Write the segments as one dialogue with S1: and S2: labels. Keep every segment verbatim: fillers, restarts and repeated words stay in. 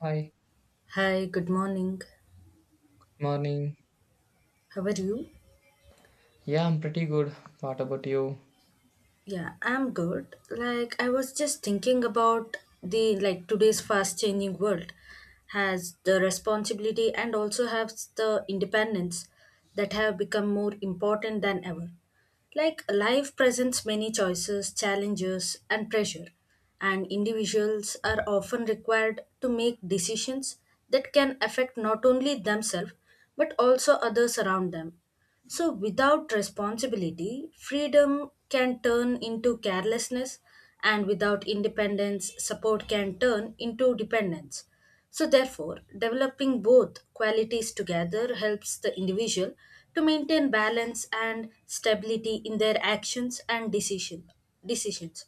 S1: Hi,
S2: Hi, good morning.
S1: morning.
S2: How are you?
S1: Yeah, I'm pretty good. What about you?
S2: Yeah, I'm good. Like I was just thinking about the like today's fast changing world has the responsibility and also has the independence that have become more important than ever. Like life presents many choices, challenges, and pressure, and individuals are often required to make decisions that can affect not only themselves but also others around them. So, without responsibility, freedom can turn into carelessness, and without independence, support can turn into dependence. So, therefore, developing both qualities together helps the individual to maintain balance and stability in their actions and decision, decisions.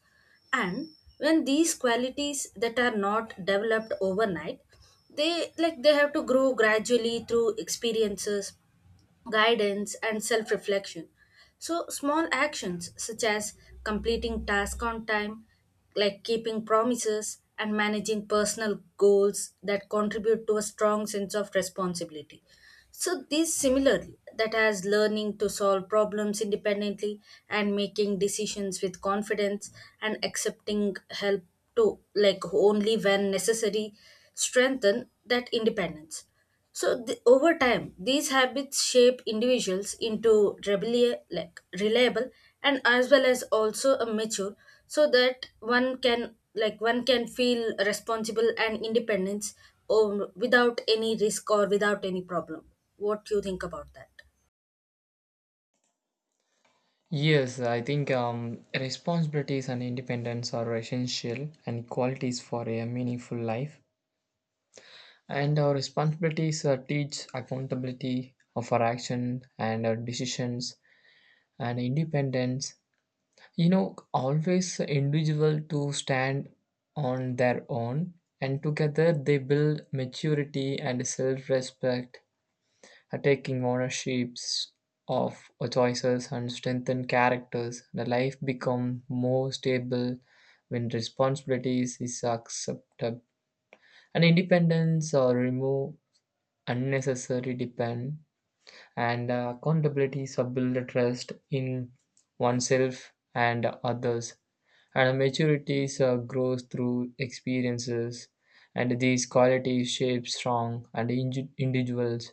S2: And when these qualities that are not developed overnight, they like they have to grow gradually through experiences guidance, and self reflection. So, small actions such as completing tasks on time, like keeping promises, and managing personal goals that contribute to a strong sense of responsibility. So, this similarly, that has learning to solve problems independently and making decisions with confidence and accepting help to like only when necessary strengthen that independence. So the, over time, these habits shape individuals into rebellious, like reliable, and as well as also a mature, so that one can like one can feel responsible and independence, um, without any risk or without any problem. What do you think about that?
S1: Yes, I think um, responsibilities and independence are essential and qualities for a meaningful life. And our responsibilities uh, teach accountability of our action and our decisions and independence. You know, always individual to stand on their own, and together they build maturity and self-respect taking ownerships of choices and strengthen characters. The life becomes more stable when responsibilities is accepted. And independence or remove unnecessary depend and uh, accountability so build a trust in oneself and others. And maturity so grows through experiences and these qualities shape strong and indi- individuals.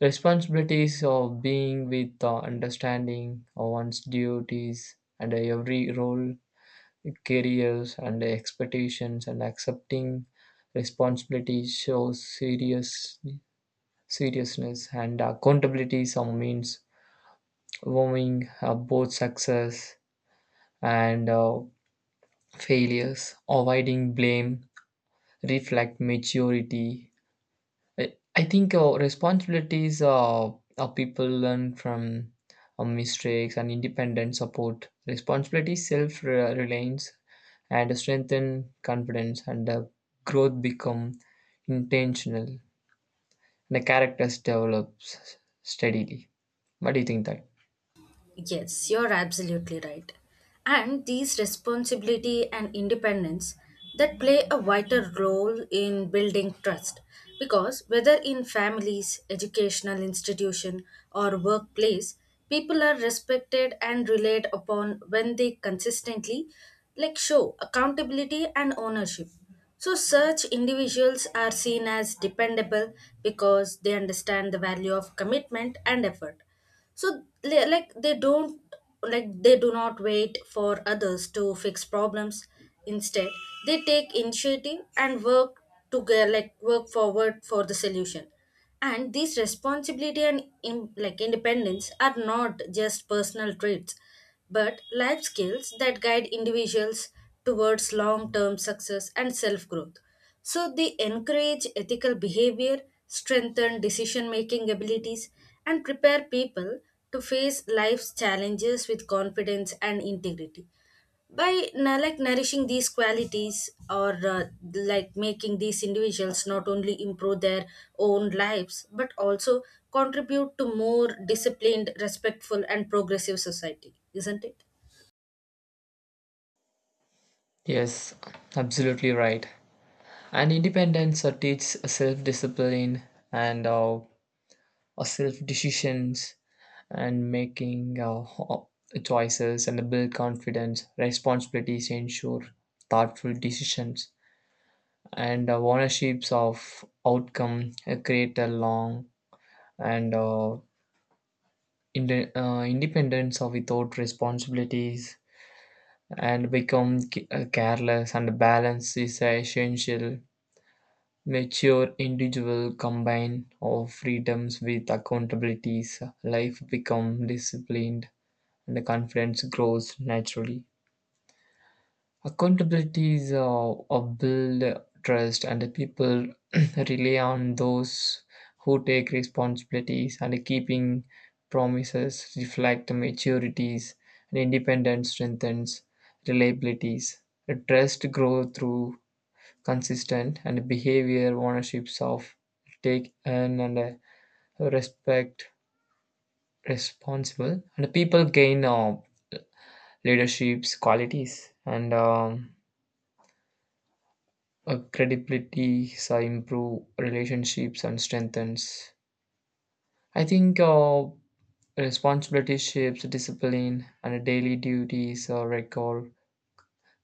S1: Responsibilities of being with uh, understanding of one's duties and every role, careers, and expectations, and accepting responsibility shows serious seriousness and accountability. Some means owning uh, both success and uh, failures, avoiding blame, reflect maturity. I I think uh, responsibilities uh, uh, people learn from uh, mistakes and independent support. Responsibility, self reliance, and strengthen confidence, and uh, growth become intentional. The characters develops steadily. What do you think that?
S2: Yes, you're absolutely right. And these responsibility and independence that play a vital role in building trust because whether in families, educational institution or workplace, people are respected and relied upon when they consistently like show accountability and ownership. So, such individuals are seen as dependable because they understand the value of commitment and effort so li- like they don't like they do not wait for others to fix problems instead they take initiative and work together like work forward for the solution. And these responsibility and in, like independence are not just personal traits but life skills that guide individuals towards long term success and self growth. So they encourage ethical behavior, strengthen decision making abilities, and prepare people to face life's challenges with confidence and integrity by na- like nourishing these qualities or uh, like making these individuals not only improve their own lives but also contribute to more disciplined respectful and progressive society, isn't it?
S1: Yes, absolutely right. And independence uh, teaches self discipline and uh, self decisions and making uh, ho- choices and build confidence. Responsibilities ensure thoughtful decisions and uh, ownerships of outcome uh, create a long and uh, inde- uh, independence of without responsibilities and become ca- uh, careless and balance is essential. Mature individual combine of freedoms with accountabilities. Life become disciplined and the confidence grows naturally. Accountability is uh, a build trust, and the people rely on those who take responsibilities and keeping promises reflect the maturities and independence strengthens reliabilities. The trust grow through consistent and behavior ownerships of take and, and uh, respect responsible and people gain uh, leadership's qualities and um, uh, credibility so improve relationships and strengthens. I think uh, responsibility shapes discipline and daily duties uh, record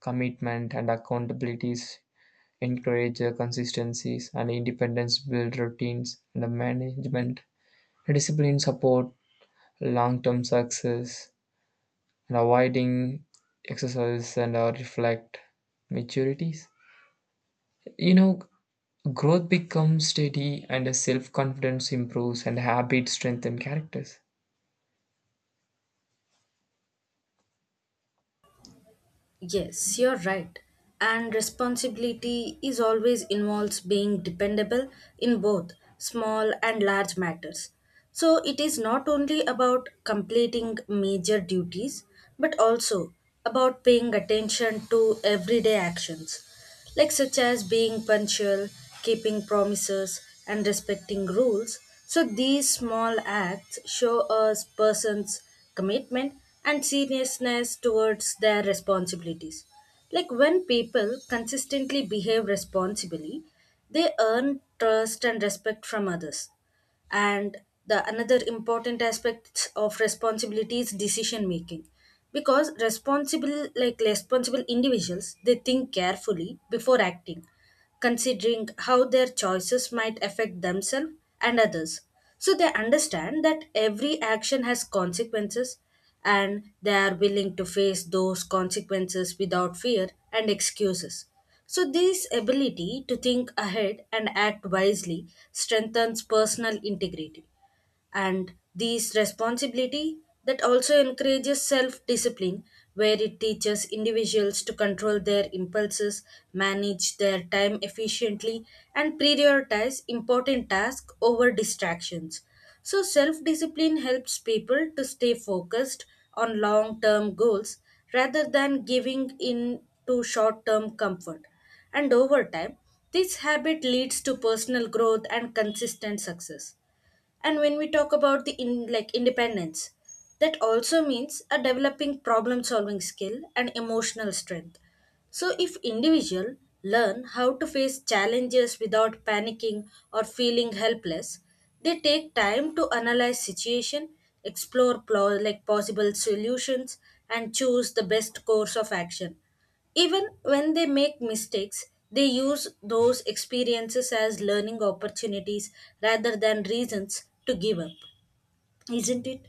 S1: commitment and accountabilities encourage uh, consistencies and independence build routines and the management discipline support long-term success and avoiding exercise and uh, reflect maturities, you know. Growth becomes steady and self confidence improves and habits strengthen characters.
S2: Yes, you're right. And responsibility is always involves being dependable in both small and large matters. So it is not only about completing major duties, but also about paying attention to everyday actions like such as being punctual, keeping promises, and respecting rules. So these small acts show a person's commitment and seriousness towards their responsibilities. Like when people consistently behave responsibly, they earn trust and respect from others. And the another important aspect of responsibility is decision making because responsible like responsible individuals they think carefully before acting, considering how their choices might affect themselves and others. So they understand that every action has consequences and they are willing to face those consequences without fear and excuses. So, this ability to think ahead and act wisely strengthens personal integrity. And these responsibility that also encourages self-discipline where it teaches individuals to control their impulses, manage their time efficiently, and prioritize important tasks over distractions. So self-discipline helps people to stay focused on long-term goals rather than giving in to short-term comfort. And over time this habit leads to personal growth and consistent success. And when we talk about the in, like independence, that also means a developing problem solving skill and emotional strength. So if individual learn how to face challenges without panicking or feeling helpless, they take time to analyze situation, explore plo- like possible solutions and choose the best course of action. Even when they make mistakes, they use those experiences as learning opportunities rather than reasons to give up, isn't it?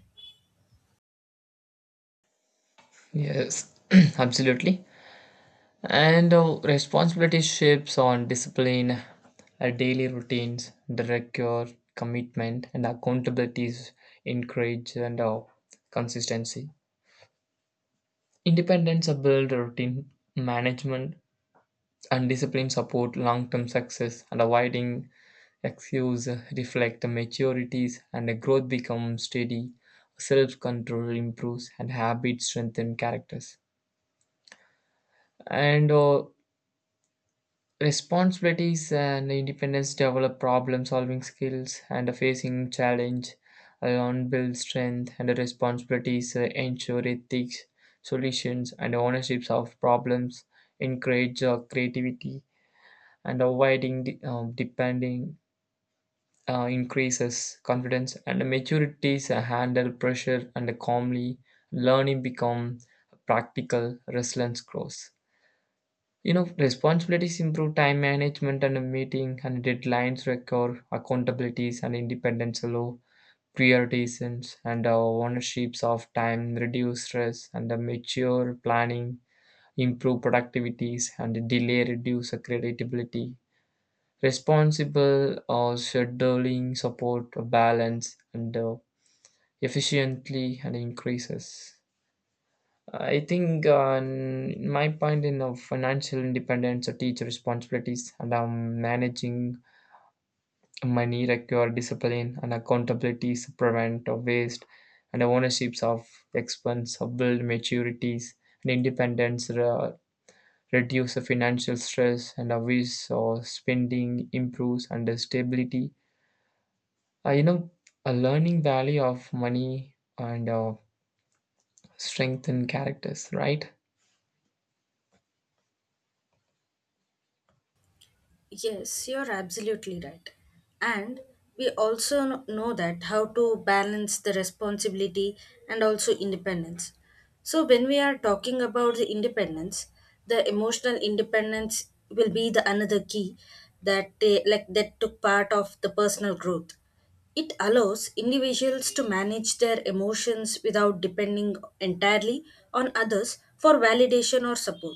S1: Yes, absolutely. And uh, responsibility shapes on discipline, uh, daily routines, direct your commitment, and accountability is encouraged and uh, consistency. Independence are build routine management and discipline support long-term success and avoiding excuse reflect maturities and growth becomes steady, self-control improves and habits strengthen characters. And uh, responsibilities and independence develop problem-solving skills and facing challenge alone build strength and responsibilities uh, ensure ethics, solutions and ownerships of problems, encourage uh, creativity and avoiding de- um, depending uh, increases confidence and maturities uh, handle pressure and calmly learning become practical resilience grows, you know. Responsibilities improve time management and uh, meeting and deadlines record accountabilities and independence allow prioritizations and uh, ownerships of time reduce stress and uh, mature planning improve productivities and delay reduce uh, creativity. Responsible uh, scheduling support a balance and uh, efficiently and increases. I think uh, n- my point in uh, financial independence, uh, teacher responsibilities, and um, managing money require discipline and accountabilities, prevent uh, waste, and ownerships of expense, uh, build maturities and independence, uh, reduce the financial stress, and obvious uh, spending improves and uh, stability. Uh, you know, a learning value of money and uh, strength characters, right?
S2: Yes, you're absolutely right. And we also kn- know that how to balance the responsibility and also independence. So, when we are talking about the independence, the emotional independence will be the another key that they, like that took part of the personal growth. It allows individuals to manage their emotions without depending entirely on others for validation or support.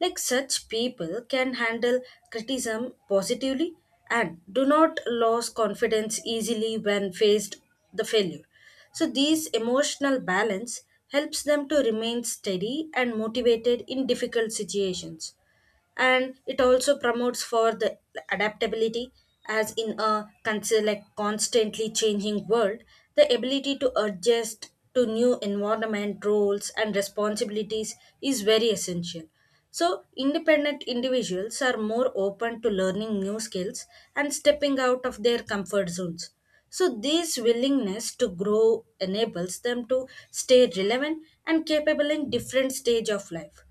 S2: Like such people can handle criticism positively and do not lose confidence easily when faced the failure. So these emotional balance helps them to remain steady and motivated in difficult situations. And it also promotes for the adaptability as in a consi- like constantly changing world the ability to adjust to new environment roles and responsibilities is very essential. So independent individuals are more open to learning new skills and stepping out of their comfort zones. So this willingness to grow enables them to stay relevant and capable in different stage of life.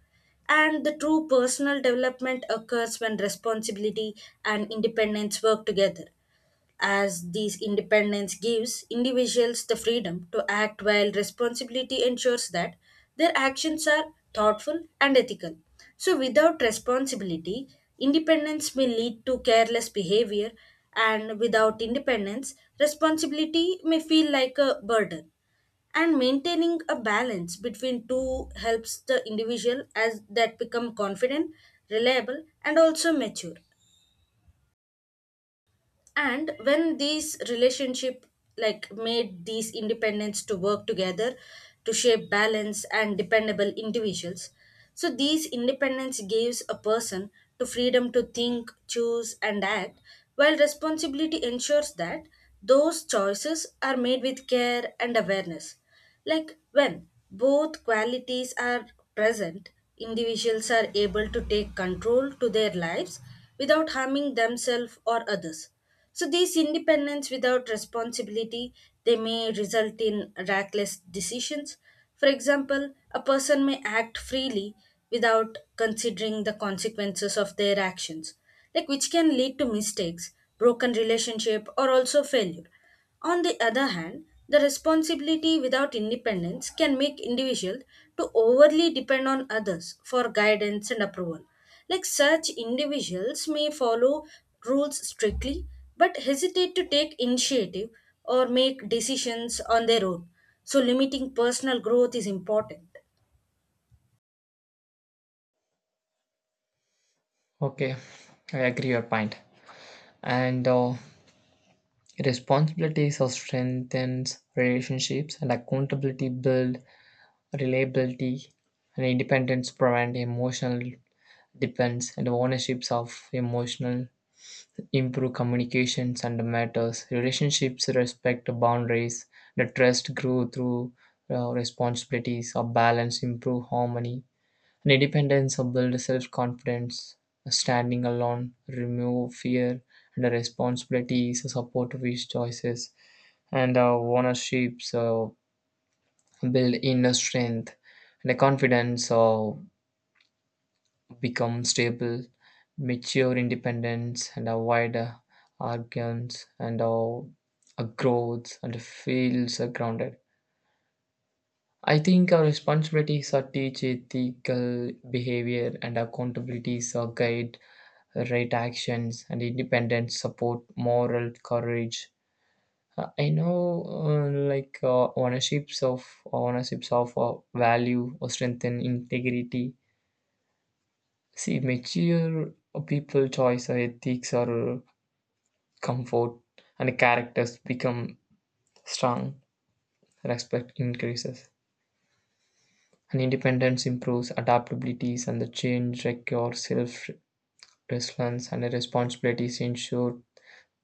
S2: And the true personal development occurs when responsibility and independence work together, as these independence gives individuals the freedom to act while responsibility ensures that their actions are thoughtful and ethical. So, without responsibility, independence may lead to careless behavior, and without independence, responsibility may feel like a burden. And maintaining a balance between two helps the individual as that become confident, reliable and also mature. And when these relationship like made these independents to work together to shape balance and dependable individuals, so these independence gives a person to freedom to think, choose and act while responsibility ensures that those choices are made with care and awareness. Like when both qualities are present, individuals are able to take control to their lives without harming themselves or others. So this independence without responsibility they may result in reckless decisions. For example, a person may act freely without considering the consequences of their actions, like which can lead to mistakes, broken relationship or also failure. On the other hand, the responsibility without independence can make individuals to overly depend on others for guidance and approval. Like such individuals may follow rules strictly but hesitate to take initiative or make decisions on their own. So limiting personal growth is important.
S1: Okay, I agree your point. And uh, responsibilities of strengthens relationships and accountability build reliability and independence prevent emotional dependence and ownerships of emotional improve communications and matters. Relationships respect boundaries. The trust grew through uh, responsibilities or balance improve harmony. And independence builds self confidence. Standing alone remove fear and the responsibility, so support these choices. And uh, ownership so build inner strength. And the confidence so become stable, mature independence, and avoid uh, arrogance and uh, a growth and feels uh, grounded. I think our responsibilities are teach ethical behavior and accountabilities are guide right actions and independent support moral courage. Uh, I know, uh, like uh, ownerships of ownerships of uh, value or strengthen integrity, see mature people choice or ethics or comfort and characters become strong, respect increases and independence improves adaptabilities and the change requires self resilience and the responsibilities ensure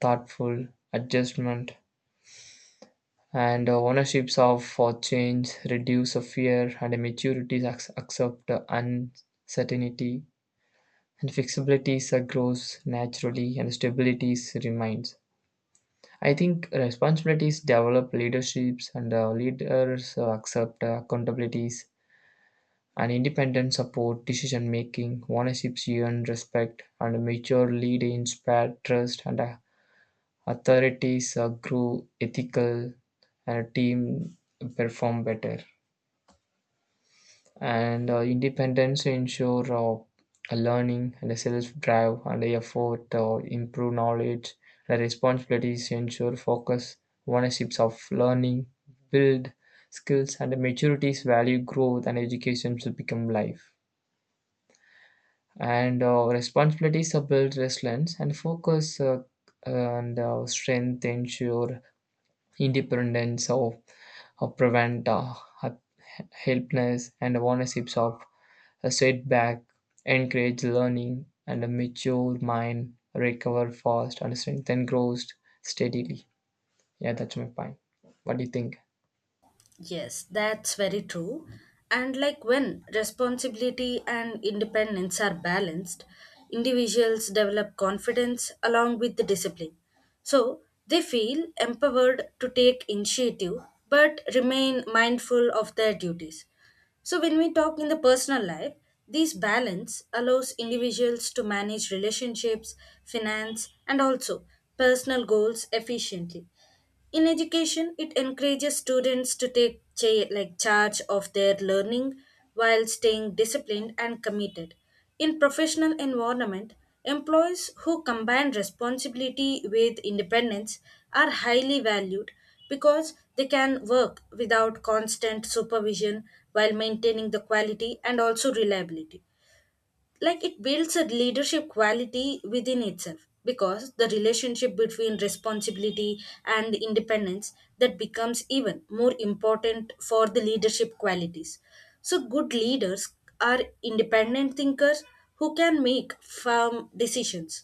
S1: thoughtful adjustment and uh, ownerships of for change reduce a fear and a maturity ac- accept the uncertainty and flexibilities uh, grows naturally and stabilities remains. I think responsibilities develop leaderships and uh, leaders uh, accept uh, accountabilities and independent support decision making ownerships earn respect and a mature lead inspire trust and uh, authorities uh, grow ethical and a team perform better and uh, independence ensure uh, a learning and a self-drive and a effort uh, improve knowledge and responsibilities ensure focus ownerships of learning build skills and maturities value growth and education to become life and uh, responsibilities are build resilience and focus uh, and uh, strength ensure independence of, of prevent uh, helplessness and awareness of a setback, encourage learning, and a mature mind recover fast and strengthen grows steadily. Yeah, that's my point. What do you think?
S2: Yes, that's very true. And like when responsibility and independence are balanced, individuals develop confidence along with the discipline. So they feel empowered to take initiative but remain mindful of their duties. So, when we talk in the personal life, this balance allows individuals to manage relationships, finance, and also personal goals efficiently. In education, it encourages students to take cha- like charge of their learning while staying disciplined and committed. In professional environment, employees who combine responsibility with independence are highly valued because they can work without constant supervision while maintaining the quality and also reliability. Like it builds a leadership quality within itself because the relationship between responsibility and independence that becomes even more important for the leadership qualities. So good leaders are independent thinkers who can make firm decisions,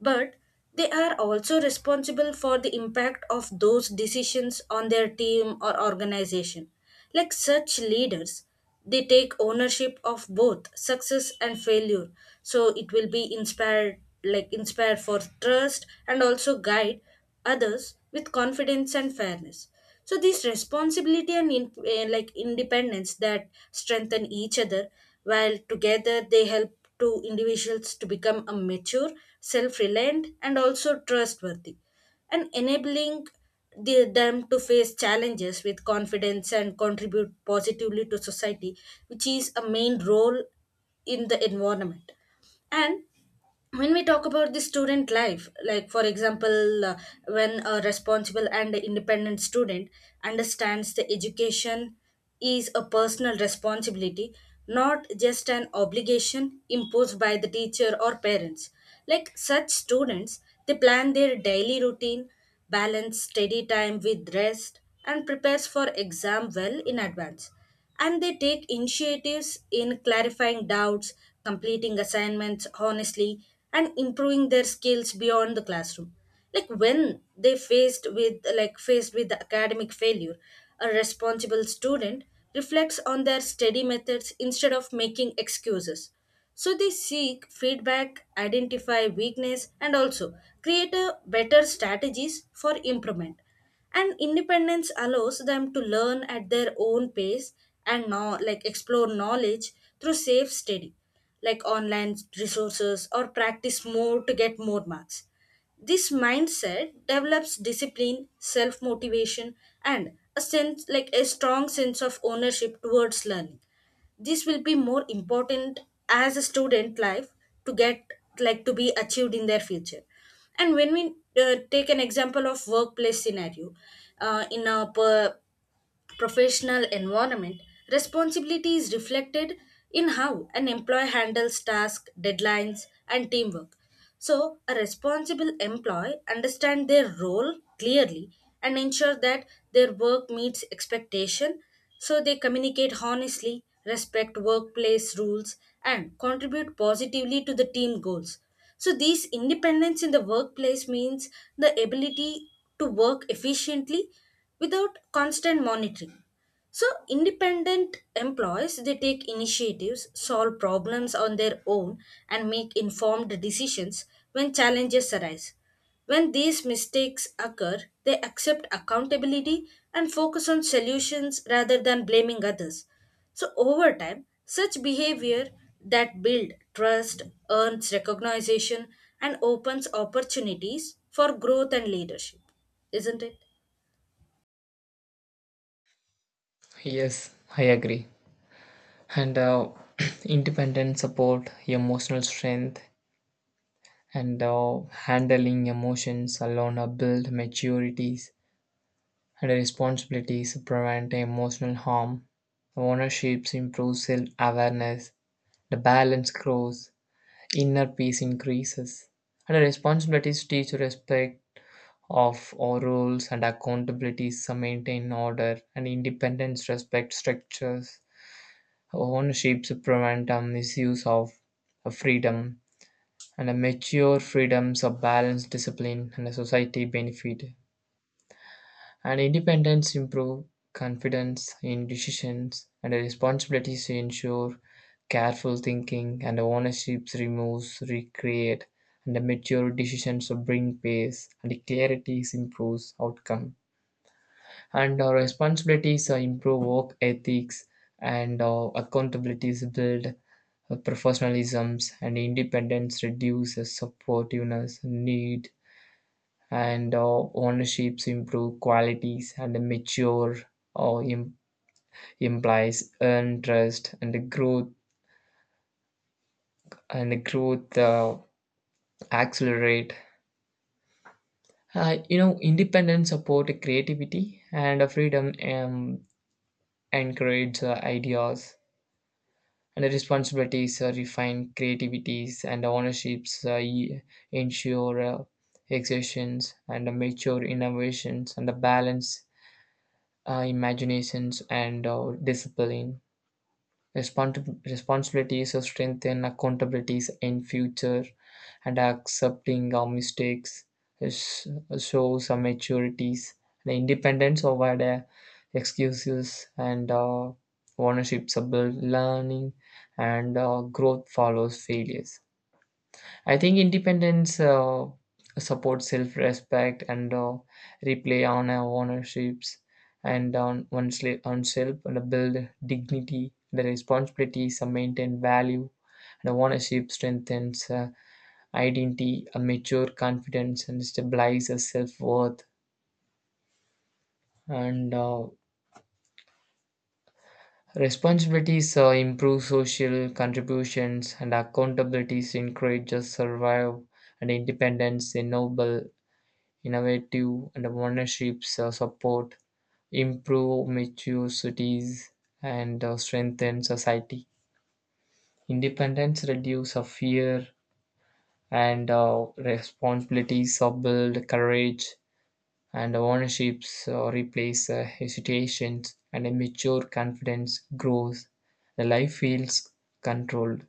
S2: but they are also responsible for the impact of those decisions on their team or organization. Like such leaders, they take ownership of both success and failure. So it will be inspired, like inspired for trust and also guide others with confidence and fairness. So this responsibility and in, eh, like independence that strengthen each other while together they help to individuals to become a mature, self-reliant and also trustworthy and enabling the, them to face challenges with confidence and contribute positively to society which is a main role in the environment. And when we talk about the student life, like for example, uh, when a responsible and independent student understands the education is a personal responsibility not just an obligation imposed by the teacher or parents. Like such students they plan their daily routine, balance study time with rest, and prepares for exam well in advance. And they take initiatives in clarifying doubts, completing assignments honestly, and improving their skills beyond the classroom. Like when they faced with like faced with the academic failure, a responsible student reflects on their study methods instead of making excuses. So they seek feedback, identify weakness, and also create a better strategies for improvement. And independence allows them to learn at their own pace and now like explore knowledge through safe study, like online resources or practice more to get more marks. This mindset develops discipline, self motivation, and a sense like a strong sense of ownership towards learning. This will be more important as a student life to get like to be achieved in their future. And when we uh, take an example of workplace scenario, uh, in a per- professional environment responsibility is reflected in how an employee handles tasks, deadlines and teamwork. So, a responsible employee understand their role clearly and ensure that their work meets expectation. So they communicate honestly, respect workplace rules, and contribute positively to the team goals. So these independence in the workplace means the ability to work efficiently without constant monitoring. So independent employees they take initiatives, solve problems on their own and make informed decisions when challenges arise. When these mistakes occur, they accept accountability and focus on solutions rather than blaming others. So, over time, such behavior that build trust, earns recognition, and opens opportunities for growth and leadership, isn't it?
S1: Yes, I agree. And uh, independent support, emotional strength, and uh, handling emotions alone are build maturities and responsibilities prevent emotional harm. Ownerships improve self awareness, the balance grows, inner peace increases, and the responsibilities teach respect of our rules and accountabilities maintain order and independence respect structures. Ownerships prevent a misuse of freedom and a mature freedoms of balance discipline and a society benefit. And independence improve confidence in decisions and a responsibility to ensure careful thinking and ownership removes, recreate, and the mature decisions bring pace and the clarity improves outcome. And our responsibilities uh, improve work ethics and our accountabilities build uh, professionalisms and independence reduces supportiveness need and uh, ownerships improve qualities and mature or im- implies earn trust and the growth and the growth uh, accelerate. Uh, you know, independence support creativity and uh, freedom um, encourage uh, ideas and the responsibilities uh, refine creativities and ownerships uh, e- ensure uh, exertions and uh, mature innovations and the balance uh, imaginations and uh, discipline. Respons- responsibilities to strengthen accountabilities in future and accepting our mistakes is- shows our maturities and independence over the excuses and uh, ownership build learning and uh, growth follows failures. I think independence uh, supports self respect and uh, replay on our ownerships and on one's, li- one's self and build dignity. The responsibilities are maintain value and ownership strengthens uh, identity, a mature confidence, and stabilizes self worth. And uh, responsibilities uh, improve social contributions and accountabilities encourages survive and independence enable innovative and ownerships uh, support, improve mature cities, and uh, strengthen society. Independence reduce uh, fear and uh, responsibilities, uh, build courage, and ownerships uh, replace uh, hesitations, and a mature confidence grows. The life feels controlled.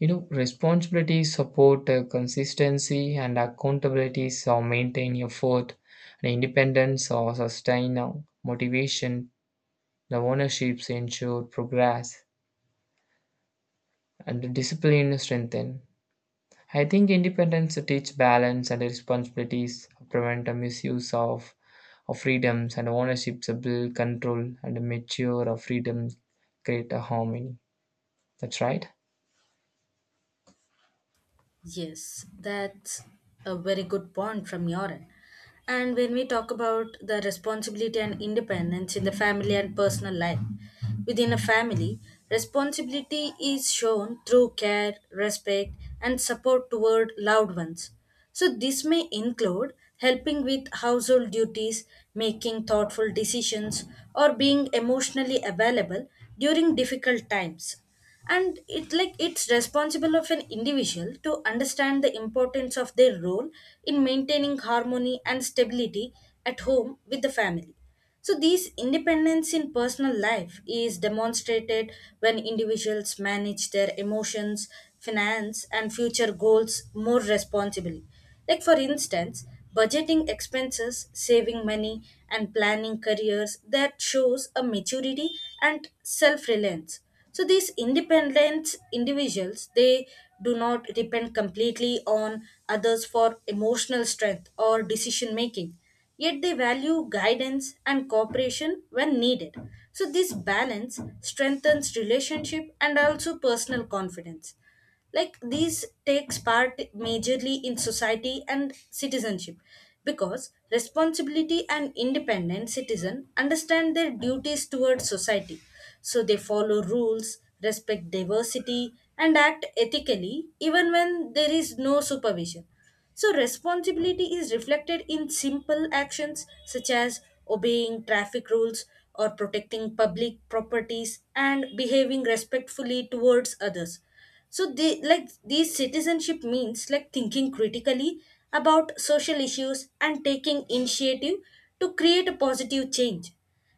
S1: You know, responsibility, support, uh, consistency, and accountability so maintain effort and independence or sustain uh, motivation. The ownerships ensure progress and the discipline strengthen. I think independence teach balance and responsibilities, prevent a misuse of, of freedoms and ownerships, build control and mature of freedom, create a harmony. That's right.
S2: Yes, that's a very good point from your end. And when we talk about the responsibility and independence in the family and personal life, within a family, responsibility is shown through care, respect, and support toward loved ones. So, this may include helping with household duties, making thoughtful decisions, or being emotionally available during difficult times. And it like it's responsible of an individual to understand the importance of their role in maintaining harmony and stability at home with the family. So this independence in personal life is demonstrated when individuals manage their emotions, finance and future goals more responsibly. Like, for instance, budgeting expenses, saving money, and planning careers that shows a maturity and self reliance. So, these independent individuals they do not depend completely on others for emotional strength or decision making, yet they value guidance and cooperation when needed. So, this balance strengthens relationship and also personal confidence. Like these takes part majorly in society and citizenship because responsibility and independent citizen understand their duties towards society. So they follow rules, respect diversity and act ethically even when there is no supervision. So responsibility is reflected in simple actions such as obeying traffic rules or protecting public properties and behaving respectfully towards others. So they like these citizenship means like thinking critically about social issues and taking initiative to create a positive change.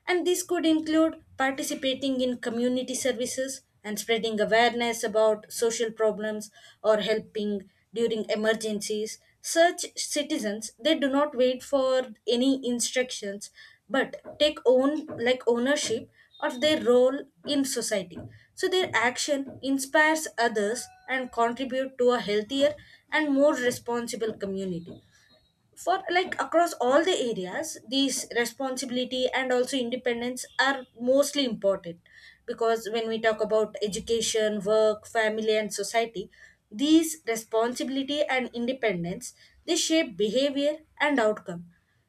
S2: And this could include participating in community services and spreading awareness about social problems or helping during emergencies. Such citizens they do not wait for any instructions but take own like ownership or their role in society. So their action inspires others and contribute to a healthier and more responsible community. For like across all the areas, these responsibility and also independence are mostly important because when we talk about education, work, family and society, these responsibility and independence they shape behavior and outcome.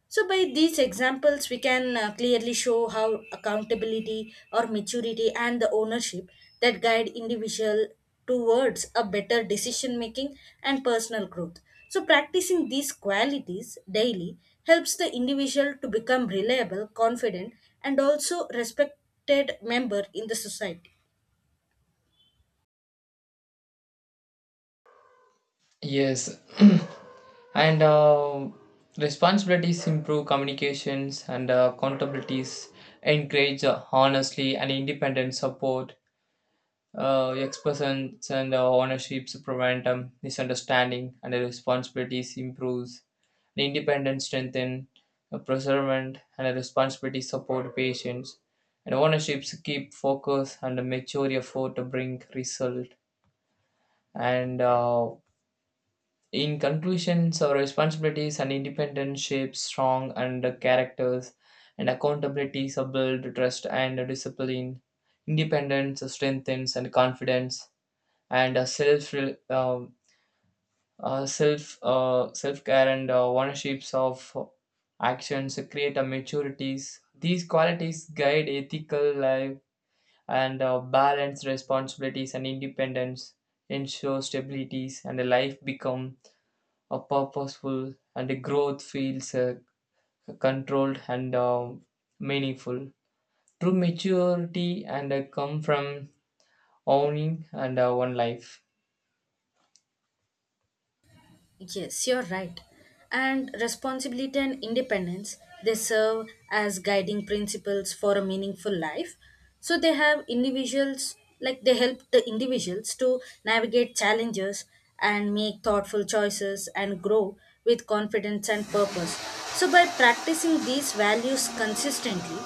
S2: So, by these examples, we can uh, clearly show how accountability or maturity and the ownership that guide individual towards a better decision making and personal growth. So, practicing these qualities daily helps the individual to become reliable, confident, and also respected member in the society.
S1: Yes, and uh, responsibilities improve communications and uh, accountabilities encourage uh, honestly and independent support uh, expressions and uh, ownerships prevent um, misunderstanding and the responsibilities improves the independence strengthen uh, preservant and the responsibility support patients and ownerships keep focus and a mature effort to bring result and uh, in conclusions, our responsibilities and independence shape strong and characters, and accountability, build trust and discipline. Independence strengthens and confidence, and a self um, uh, self uh, self care and uh, ownerships of actions create a maturities. These qualities guide ethical life and uh, balance responsibilities and independence, ensure stabilities, and life become uh, purposeful and the growth feels uh, controlled and uh, meaningful. True maturity and uh, come from owning and uh, one life.
S2: Yes, you're right. And responsibility and independence, they serve as guiding principles for a meaningful life. So they have individuals, like they help the individuals to navigate challenges and make thoughtful choices and grow with confidence and purpose. So by practicing these values consistently,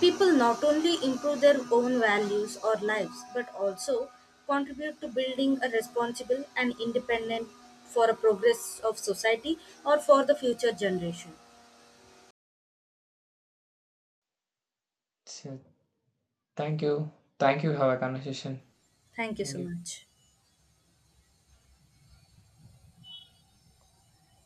S2: people not only improve their own values or lives, but also contribute to building a responsible and independent for a progress of society or for the future generation.
S1: So, thank you. Thank you. Have a conversation.
S2: Thank you so
S1: Thank you.
S2: much.